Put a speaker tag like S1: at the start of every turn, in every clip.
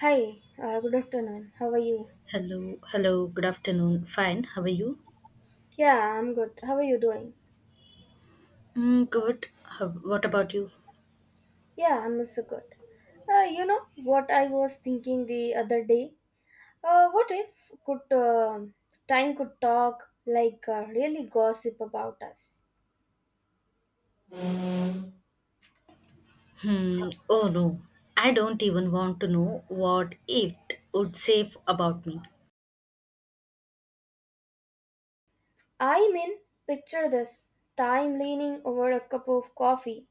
S1: Hi, good afternoon. How are you?
S2: Hello, hello, good afternoon. Fine, how are you?
S1: Yeah, I'm good. How are you doing?
S2: Mm, good. What about you?
S1: Yeah, I'm also good. You know what I was thinking the other day? What if could time could talk like really gossip about us?
S2: Hmm, oh no, I don't even want to know what it would say about me.
S1: I mean, picture this: time leaning over a cup of coffee,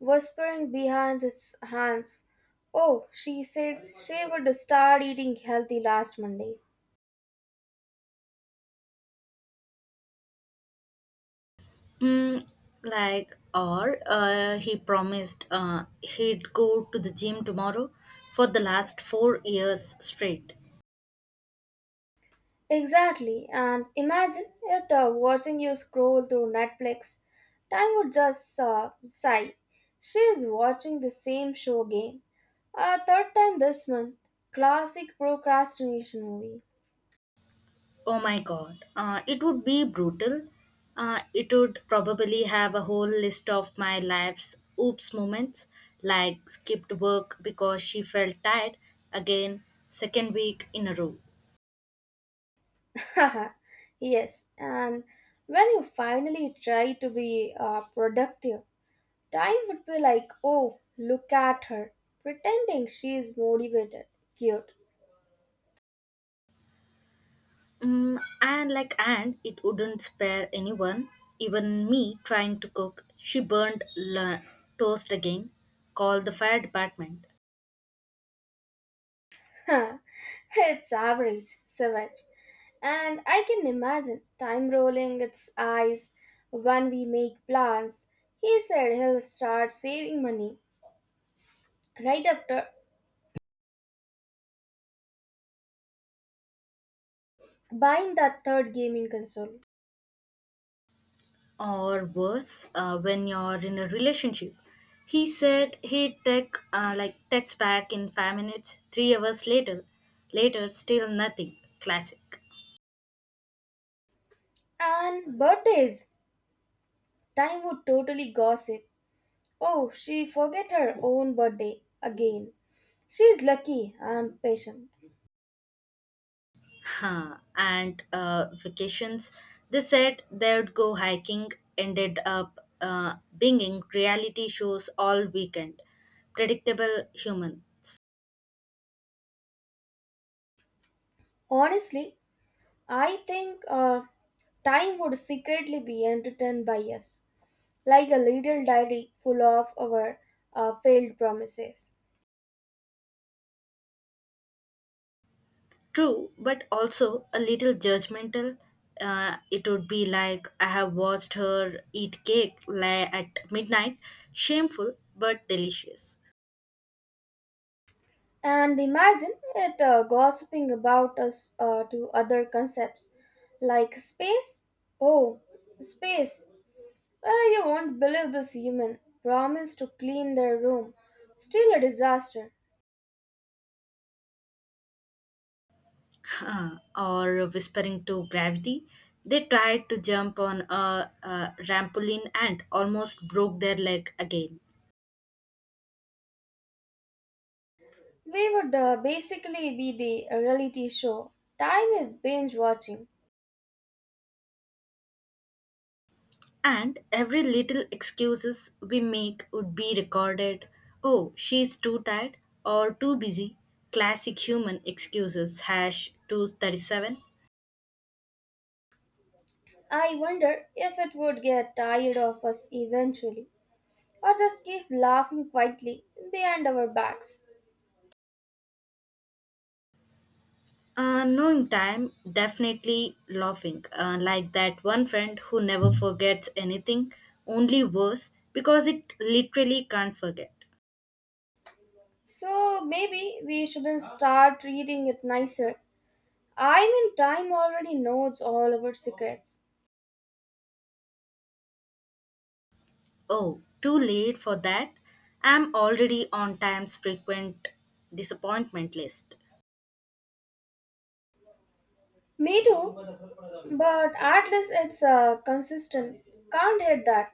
S1: whispering behind its hands, "Oh, she said she would start eating healthy last Monday."
S2: Hmm, like, or he promised he'd go to the gym tomorrow for the last 4 years straight.
S1: Exactly, and imagine it watching you scroll through Netflix. Time would just sigh. She is watching the same show again. A third time this month. Classic procrastination movie.
S2: Oh my God. It would be brutal. It would probably have a whole list of my life's oops moments, like skipped work because she felt tired again, second week in a row.
S1: Yes, and when you finally try to be productive, time would be like, oh, look at her, pretending she is motivated. Cute.
S2: And it wouldn't spare anyone, even me trying to cook. She burned toast again, called the fire department.
S1: It's average, savage. And I can imagine time rolling its eyes when we make plans. He said he'll start saving money right after buying that third gaming console.
S2: Or worse, when you're in a relationship, he said he'd take like text back in 5 minutes, 3 hours later, still nothing classic.
S1: And birthdays. Time would totally gossip. Oh, she forget her own birthday again. She's lucky I'm patient.
S2: Huh. And vacations, they said they'd go hiking, ended up binging reality shows all weekend, predictable humans.
S1: Honestly, I think time would secretly be entertained by us, like a little diary full of our failed promises.
S2: True, but also a little judgmental. It would be like I have watched her eat cake at midnight, shameful but delicious.
S1: And imagine it gossiping about us to other concepts like space. Oh, space. Well, you won't believe this human promised to clean their room. Still a disaster.
S2: Huh, or whispering to gravity, they tried to jump on a rampoline and almost broke their leg again.
S1: We would basically be the reality show. Time is binge watching.
S2: And every little excuses we make would be recorded. Oh, she's too tired or too busy. Classic human excuses hash 237.
S1: I wonder if it would get tired of us eventually or just keep laughing quietly behind our backs.
S2: Knowing time, definitely laughing. Like that one friend who never forgets anything, only worse because it literally can't forget.
S1: So maybe we shouldn't start treating it nicer. I mean, time already knows all our secrets.
S2: Oh, too late for that. I'm already on time's frequent disappointment list.
S1: Me too, but at least it's consistent. Can't hate that.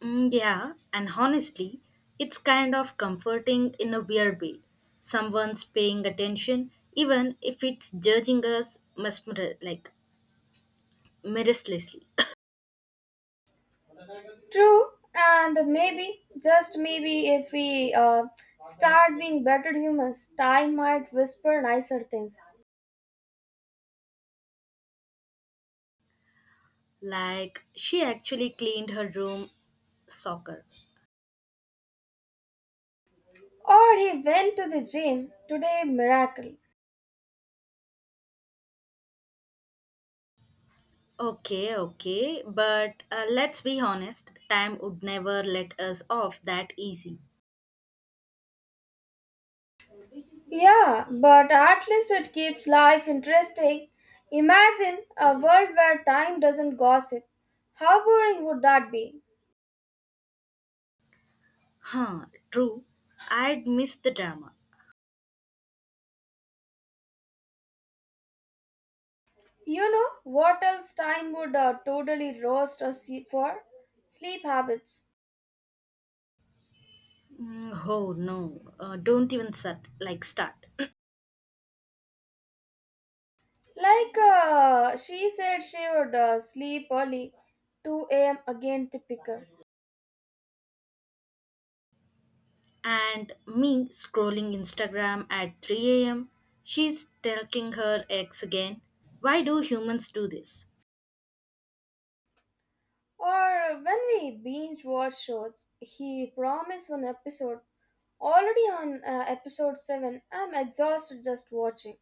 S2: Mm, yeah, and honestly, it's kind of comforting in a weird way. Someone's paying attention, even if it's judging us like, mercilessly.
S1: True, and maybe, just maybe, if we start being better humans, time might whisper nicer things.
S2: Like she actually cleaned her room, soccer.
S1: Or he went to the gym today, miracle.
S2: Okay, okay, but let's be honest, time would never let us off that easy.
S1: Yeah, but at least it keeps life interesting. Imagine a world where time doesn't gossip. How boring would that be?
S2: Huh, true. I'd miss the drama.
S1: You know what else time would totally roast us for? Sleep habits.
S2: Mm, oh no, don't even start.
S1: Like she said she would sleep early, 2 a.m. again, typical.
S2: And me scrolling Instagram at 3 a.m., she's telling her ex again. Why do humans do this?
S1: Or when we binge watch shows, he promised one episode. Already on episode 7, I'm exhausted just watching.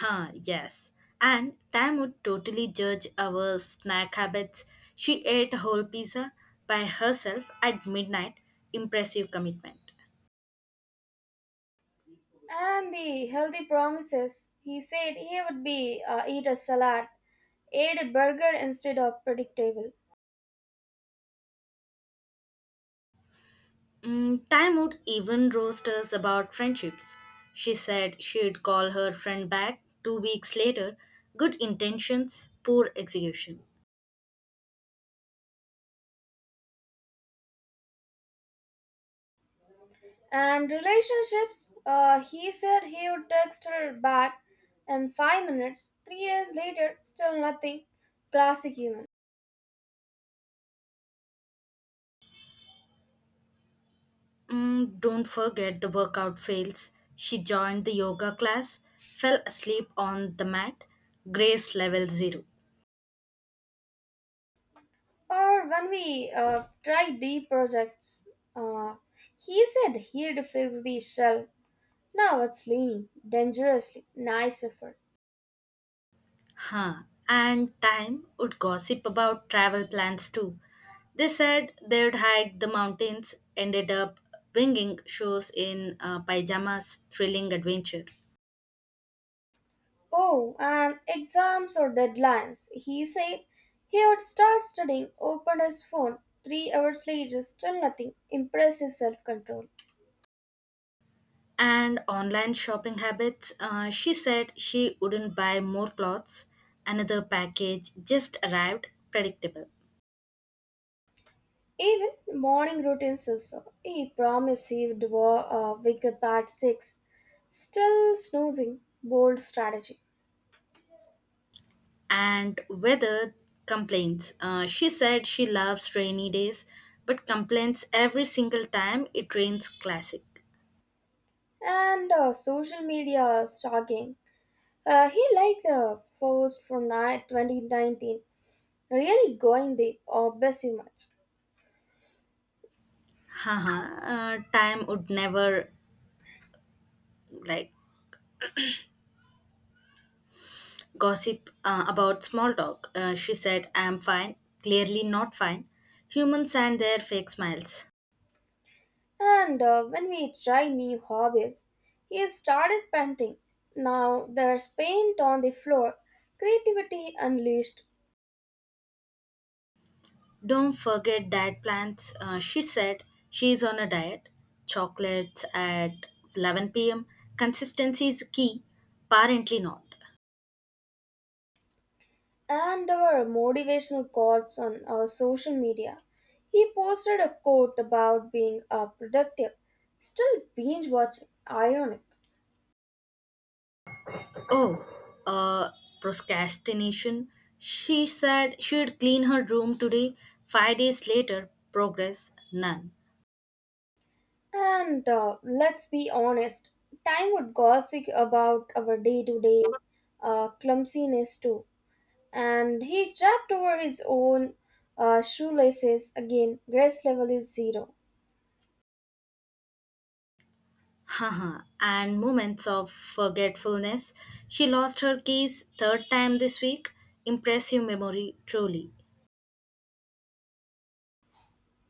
S2: Huh, yes. And Tam would totally judge our snack habits. She ate a whole pizza by herself at midnight. Impressive commitment.
S1: And the healthy promises. He said he would be eat a salad, ate a burger instead of predictable.
S2: Time would even roast us about friendships. She said she'd call her friend back 2 weeks later. Good intentions, poor execution.
S1: And relationships. He said he would text her back in 5 minutes. 3 days later, still nothing. Classic human.
S2: Don't forget the workout fails. She joined the yoga class, fell asleep on the mat, grace level zero.
S1: Or when we tried deep projects, uh, he said he'd fix the shell. Now it's leaning dangerously. Nice effort.
S2: Huh. And Time would gossip about travel plans too. They said they'd hike the mountains, ended up winging shows in pajamas, thrilling adventure.
S1: Oh, and exams or deadlines. He said he would start studying, opened his phone. 3 hours later, still nothing. Impressive self control.
S2: And online shopping habits, she said she wouldn't buy more clothes. Another package just arrived, predictable.
S1: Even morning routines also. He promised he would wake up at 6. Still snoozing. Bold strategy.
S2: And weather complaints, she said she loves rainy days, but complains every single time it rains, classic.
S1: And social media stalking. He liked post from 2019. Really going, the obsessive much.
S2: Haha, time would never, like, gossip about small talk. She said, I'm fine. Clearly not fine. Humans and their fake smiles.
S1: And when we try new hobbies, he started painting. Now there's paint on the floor, creativity unleashed.
S2: Don't forget diet plans. She said she's on a diet. Chocolates at 11 pm. Consistency is key. Apparently not.
S1: And our motivational quotes on our social media. He posted a quote about being productive, still binge watching, ironic.
S2: Oh, uh, procrastination. She said she'd clean her room today. 5 days later, progress none.
S1: And let's be honest, time would gossip about our day to day clumsiness too. And he tripped over his own shoelaces again. Grace level is zero.
S2: Haha, and moments of forgetfulness. She lost her keys third time this week. Impressive memory, truly.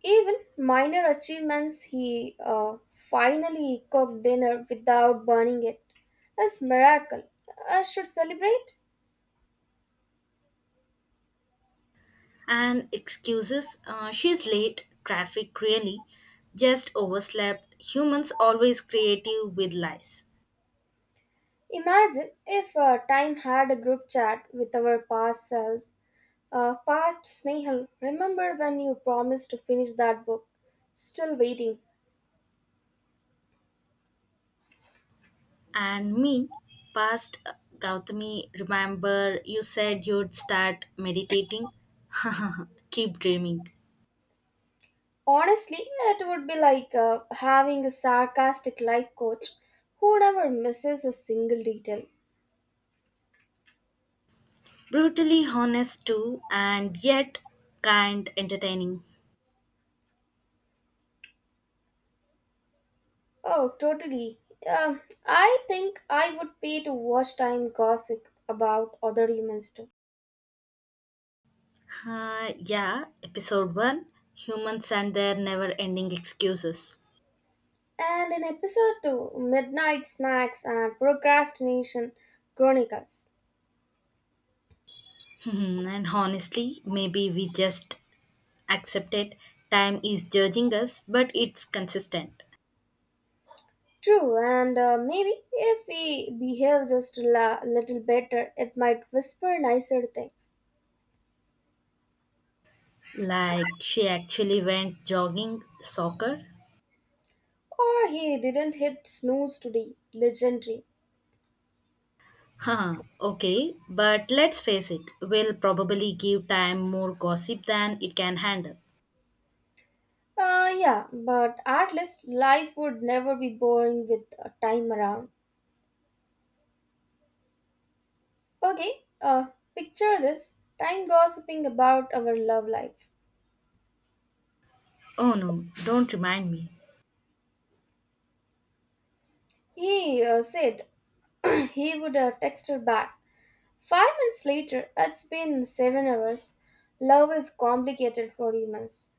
S1: Even minor achievements, he finally cooked dinner without burning it. It is miracle. I should celebrate.
S2: And excuses. She's late. Traffic, really. Just overslept. Humans always creative with lies.
S1: Imagine if time had a group chat with our past selves. Past Snehal, remember when you promised to finish that book? Still waiting.
S2: And me, past Gautami, remember you said you'd start meditating? Keep dreaming.
S1: Honestly, it would be like having a sarcastic life coach who never misses a single detail.
S2: Brutally honest too, and yet kind, entertaining.
S1: Oh, totally. Um, I think I would pay to watch time gossip about other humans too.
S2: Yeah, episode one, Humans and Their Never Ending Excuses.
S1: And in episode 2, Midnight Snacks and Procrastination Chronicles.
S2: And honestly, maybe we just accept it. Time is judging us, but it's consistent.
S1: True, and maybe if we behave just a little better, it might whisper nicer things.
S2: Like, she actually went jogging, soccer.
S1: Or he didn't hit snooze today. Legendary.
S2: Huh, okay, but let's face it, we'll probably give time more gossip than it can handle.
S1: Yeah, but at least life would never be boring with time around. Okay, picture this time gossiping about our love lives.
S2: Oh no, don't remind me.
S1: He said he would text her back. 5 minutes later, it's been 7 hours. Love is complicated for humans.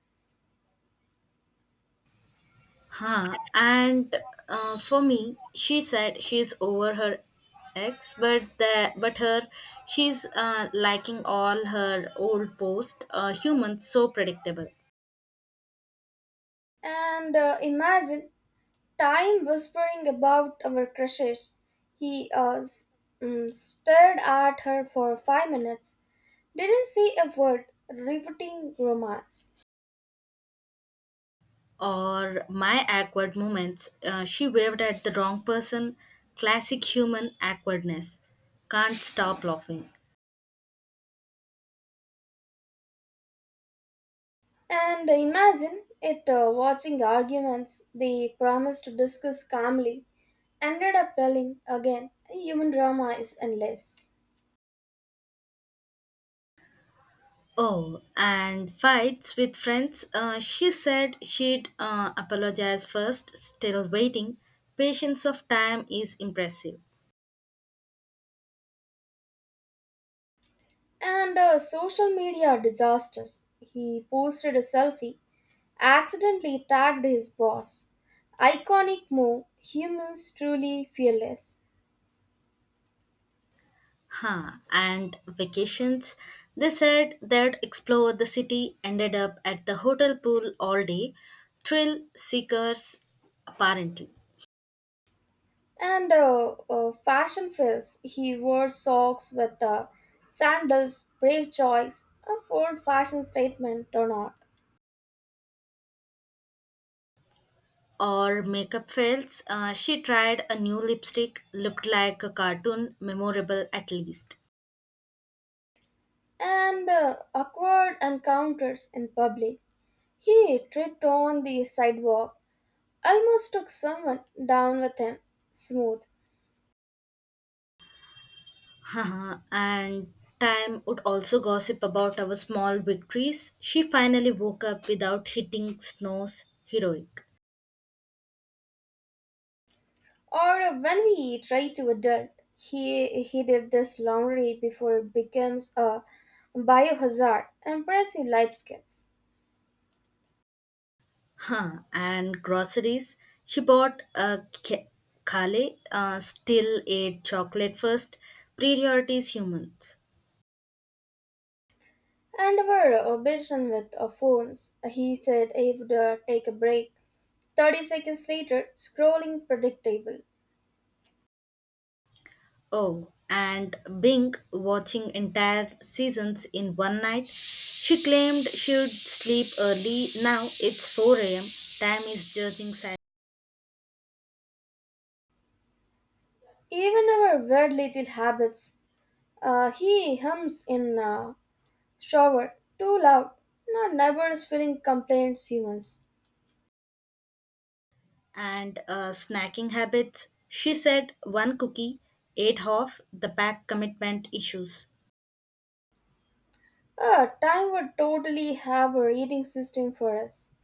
S2: Huh. And for me, she said she's over her ex, but the but her she's liking all her old posts. Humans so predictable.
S1: And imagine time whispering about our crushes. He stared at her for 5 minutes. Didn't see a word, riveting romance.
S2: Or my awkward moments. She waved at the wrong person. Classic human awkwardness. Can't stop laughing.
S1: And imagine it watching arguments they promised to discuss calmly, ended up yelling again. Human drama is endless.
S2: Oh, and fights with friends. She said she'd apologize first, still waiting. Patience of time is impressive.
S1: And social media disasters. He posted a selfie, accidentally tagged his boss. Iconic move, humans truly fearless.
S2: Huh, and vacations. They said they'd explore the city, ended up at the hotel pool all day. Thrill seekers, apparently.
S1: And fashion fails. He wore socks with sandals, brave choice, a bold fashion statement or not.
S2: Or makeup fails. She tried a new lipstick, looked like a cartoon, memorable at least.
S1: And awkward encounters in public. He tripped on the sidewalk, almost took someone down with him, smooth.
S2: Haha, and time would also gossip about our small victories. She finally woke up without hitting snooze, heroic.
S1: Or when we try to adult, he did this laundry before it becomes a biohazard. Impressive life skills.
S2: Huh. And groceries. She bought a kale, still ate chocolate first. Priorities, humans.
S1: And were busy with our phones. He said he would take a break. 30 seconds later, scrolling predictable.
S2: Oh, and Bing watching entire seasons in one night. She claimed she'd sleep early. Now it's 4 a.m. Time is judging silence.
S1: Even our weird little habits. He hums in shower, too loud. No neighbors feeling complaints, humans.
S2: And snacking habits. She said one cookie, ate half, the pack, commitment issues.
S1: Time would totally have a reading system for us.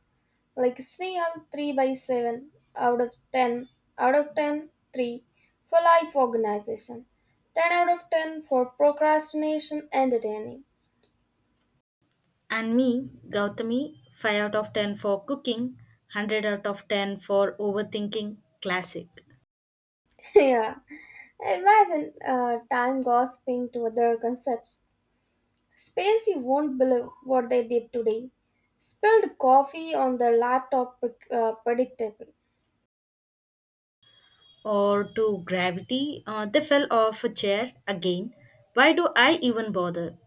S1: Like Sneal, 3 by 7, out of 10. Out of 10 3 for life organization. 10 out of 10 for procrastination, entertaining.
S2: And me, Gautami, 5 out of 10 for cooking, 100 out of 10 for overthinking, classic.
S1: Yeah, imagine time gossiping to other concepts. Space, you won't believe what they did today. Spilled coffee on their laptop, predictably.
S2: Or to gravity, they fell off a chair again. Why do I even bother?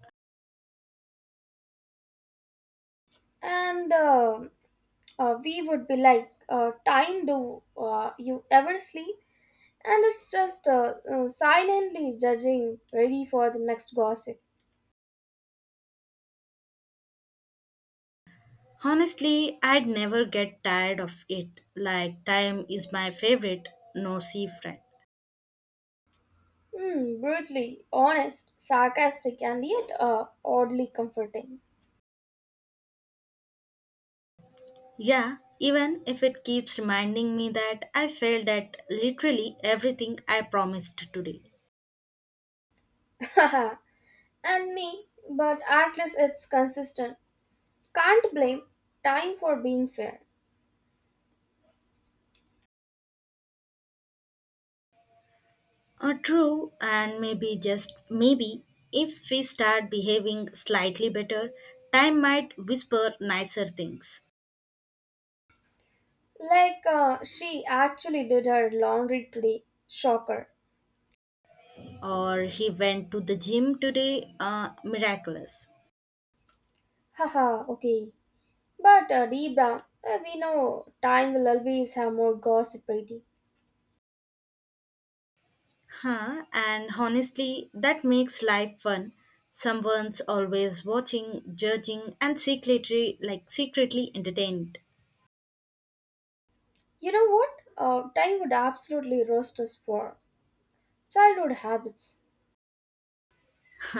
S1: And we would be like time do you ever sleep. And it's just silently judging, ready for the next gossip.
S2: Honestly, I'd never get tired of it. Like, time is my favorite, no sea friend.
S1: Hmm, brutally honest, sarcastic, and yet oddly comforting.
S2: Yeah, even if it keeps reminding me that I failed at literally everything I promised today.
S1: And me, but at least it's consistent. Can't blame time for being fair.
S2: True, and maybe just maybe if we start behaving slightly better, time might whisper nicer things.
S1: Like she actually did her laundry today. Shocker.
S2: Or he went to the gym today, miraculous.
S1: Haha, okay. But deep down, we know time will always have more gossip ready.
S2: Huh, and honestly, that makes life fun. Someone's always watching, judging, and secretly entertained.
S1: You know what? Time would absolutely roast us for. Childhood habits.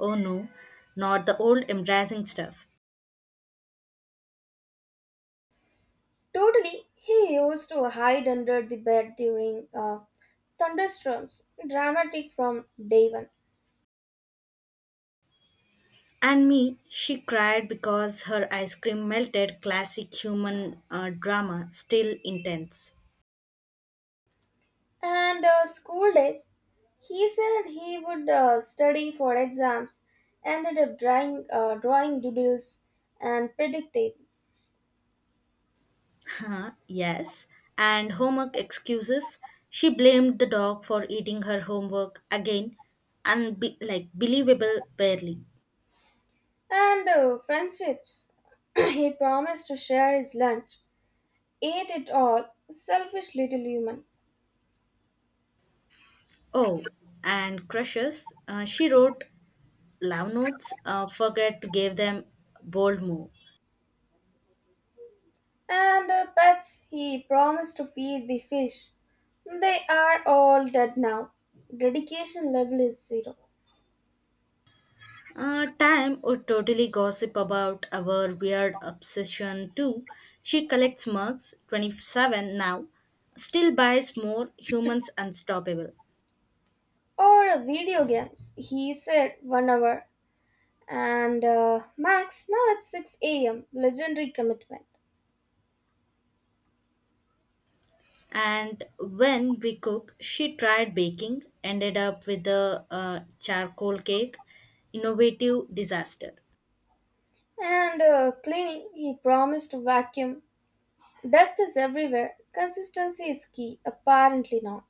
S2: Oh no, not the old embarrassing stuff.
S1: Totally, he used to hide under the bed during thunderstorms, dramatic from day one.
S2: And me, she cried because her ice cream melted. Classic human drama, still intense.
S1: And school days, he said he would study for exams, ended up drawing doodles and predicting.
S2: Huh, yes. And homework excuses. She blamed the dog for eating her homework again. Like, believable, barely.
S1: And friendships, he promised to share his lunch, ate it all, selfish little human.
S2: Oh, and crushes. She wrote love notes. Forget to give them, bold move.
S1: And pets, he promised to feed the fish. They are all dead now. Dedication level is zero.
S2: Time would totally gossip about our weird obsession too. She collects mugs, 27 now, still buys more, humans unstoppable.
S1: Or video games, he said 1 hour. And max, now it's 6 a.m., legendary commitment.
S2: And when we cook, she tried baking, ended up with a charcoal cake, innovative disaster.
S1: And cleaning, he promised to vacuum. Dust is everywhere. Consistency is key, apparently not.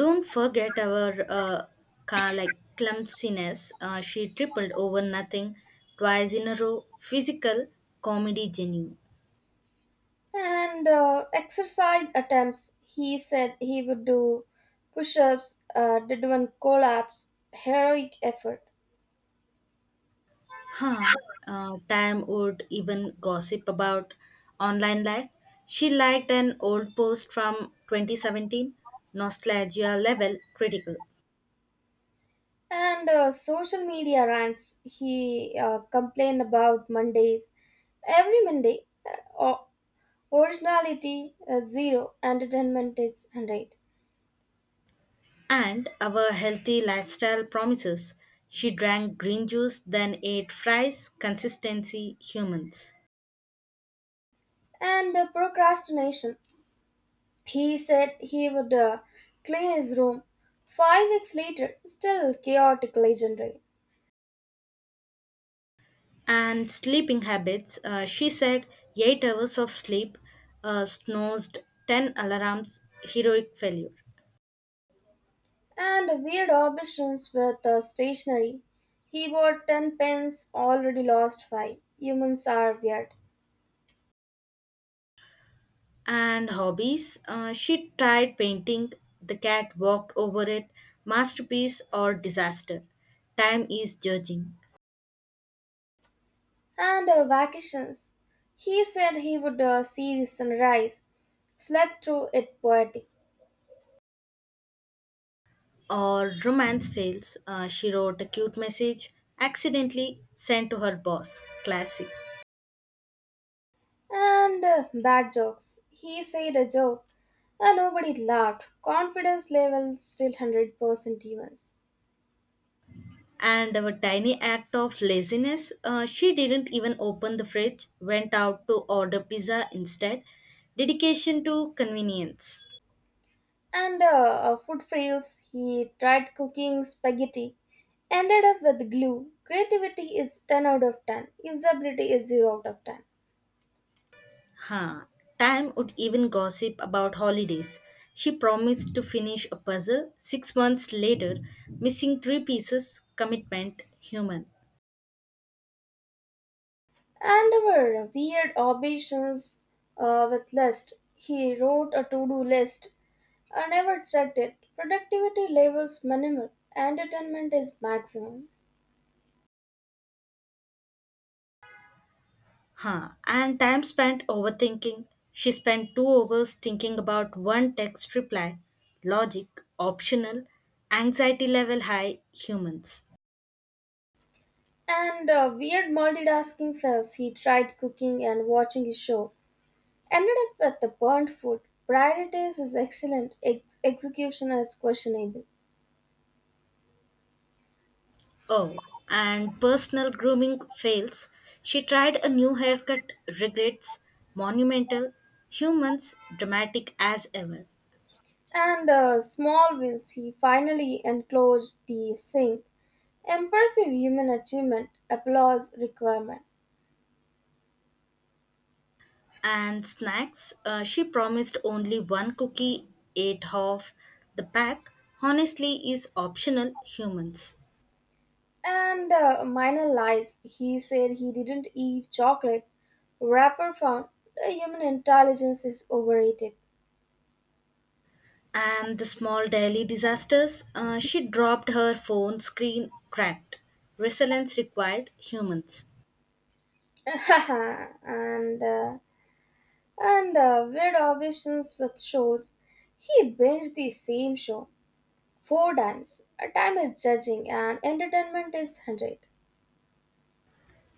S2: Don't forget our like, clumsiness. She tripled over nothing twice in a row. Physical comedy genie.
S1: And exercise attempts, he said he would do push-ups. Did one, collapse, heroic effort.
S2: Huh. Tam would even gossip about online life. She liked an old post from 2017, nostalgia level critical,
S1: And social media rants, he complained about Mondays every Monday. Originality zero, entertainment is 100.
S2: and our healthy lifestyle promises. She drank green juice, then ate fries, consistency, humans.
S1: And procrastination, he said he would clean his room. 5 weeks later, still chaotic, legendary.
S2: And sleeping habits, she said 8 hours of sleep, snoozed 10 alarms, heroic failure.
S1: And weird obsessions with stationery. He bought 10 pens, already lost 5. Humans are weird.
S2: And hobbies. She tried painting, the cat walked over it, masterpiece or disaster. Time is judging.
S1: And vacations. He said he would see the sunrise, slept through it, poetic.
S2: Or romance fails. She wrote a cute message, accidentally sent to her boss. Classic.
S1: And bad jokes. He said a joke and nobody laughed. Confidence level still 100% humans.
S2: And our tiny act of laziness. She didn't even open the fridge, went out to order pizza instead. Dedication to convenience.
S1: And food fails. He tried cooking spaghetti, ended up with glue. Creativity is 10 out of 10, usability is 0 out of 10.
S2: Ha! Time would even gossip about holidays. She promised to finish a puzzle 6 months later, missing three pieces, commitment, human.
S1: And our weird ambitions with list. He wrote a to do list. I never checked it. Productivity levels minimal, entertainment is maximum.
S2: Huh. And time spent overthinking. She spent 2 hours thinking about one text reply, logic, optional, anxiety level high, humans.
S1: And weird multitasking fails. He tried cooking and watching a show. Ended up with the burnt food. Priorities is excellent, execution is questionable.
S2: Oh, and personal grooming fails. She tried a new haircut, regrets, monumental, humans, dramatic as ever.
S1: And small wins, he finally enclosed the sink. Impressive human achievement, applause requirement.
S2: And snacks, she promised only one cookie, ate half. The pack, honestly, is optional, humans.
S1: And minor lies, he said he didn't eat chocolate. Rapper found the human intelligence is overrated.
S2: And the small daily disasters, she dropped her phone screen, cracked. Resilience required, humans.
S1: and uh, and weird obsessions with shows. He binged the same show four times. A time is judging and entertainment is 100.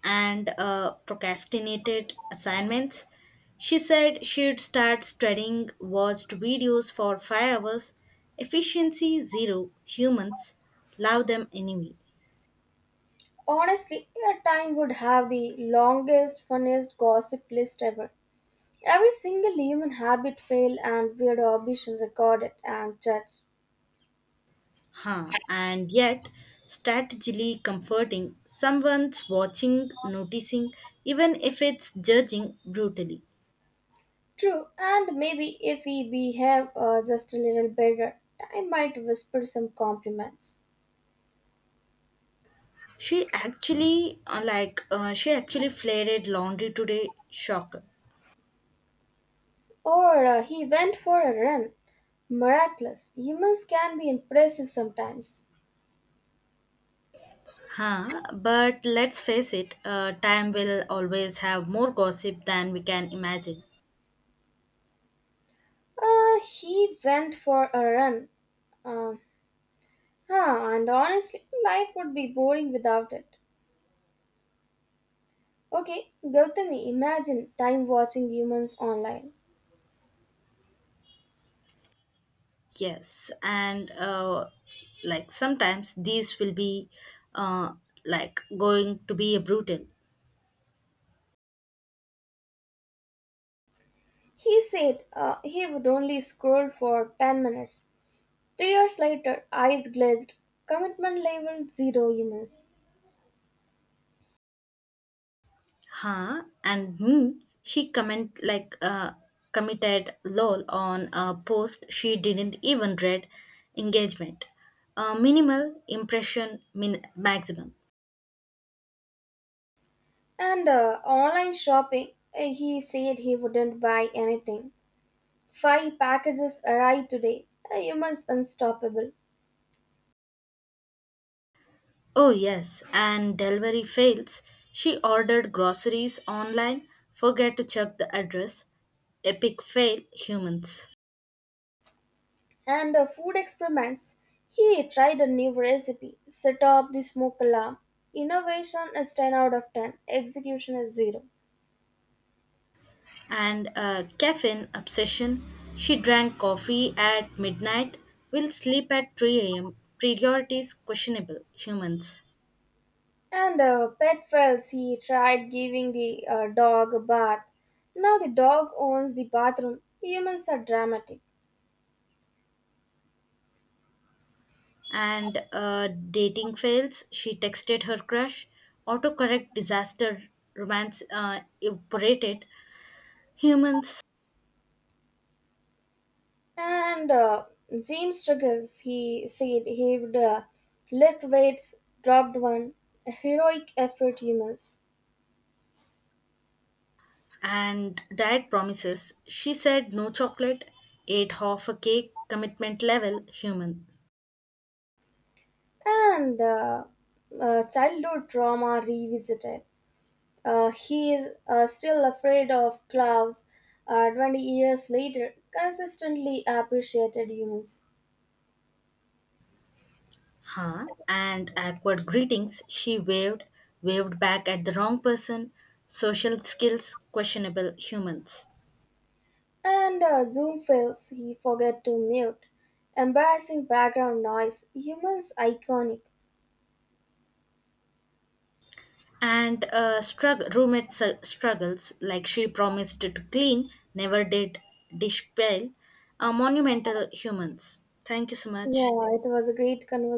S2: And procrastinated assignments. She said she'd start studying, watched videos for 5 hours. Efficiency zero. Humans love them anyway.
S1: Honestly, a time would have the longest, funniest gossip list ever. Every single human habit, fail, and weird ambition recorded and judged.
S2: Huh. And yet, strategically comforting. Someone's watching, noticing, even if it's judging brutally.
S1: True, and maybe if we behave just a little better, time might whisper some compliments.
S2: She actually flared laundry today. Shocker.
S1: Or he went for a run. Miraculous. Humans can be impressive sometimes.
S2: Huh, but let's face it, time will always have more gossip than we can imagine.
S1: He went for a run. Uh, Huh, and honestly, life would be boring without it. Okay, Gautami, imagine time watching humans online.
S2: Yes, and like sometimes these will be uh, like going to be brutal.
S1: He said he would only scroll for 10 minutes. 3 years later, eyes glazed, commitment level zero, humans.
S2: Huh, and me, she comment like committed lol on a post she didn't even read. Engagement, minimal impression, min maximum.
S1: And online shopping, he said he wouldn't buy anything. Five packages arrived today. Humans unstoppable.
S2: Oh, yes, and delivery fails. She ordered groceries online, forget to check the address. Epic fail, humans.
S1: And food experiments, he tried a new recipe, set up the smoke alarm. Innovation is 10 out of 10, execution is 0.
S2: And a caffeine obsession. She drank coffee at midnight, will sleep at 3 am. Priorities questionable, humans.
S1: And pet fails, he tried giving the dog a bath. Now the dog owns the bathroom. Humans are dramatic.
S2: And dating fails. She texted her crush. Autocorrect disaster, romance evaporated, humans.
S1: And James struggles, he said he would lift weights, dropped one. Heroic effort, humans.
S2: And diet promises. She said no chocolate, ate half a cake, commitment level, human.
S1: And childhood trauma revisited. He is still afraid of clouds 20 years later, consistently appreciated humans.
S2: Huh? And awkward greetings. She waved back at the wrong person, social skills, questionable humans.
S1: And Zoom fails, he forget to mute. Embarrassing background noise, humans iconic.
S2: And roommate struggles, like she promised to clean, never did, dish pale, monumental humans. Thank you so much.
S1: Yeah, it was a great conversation.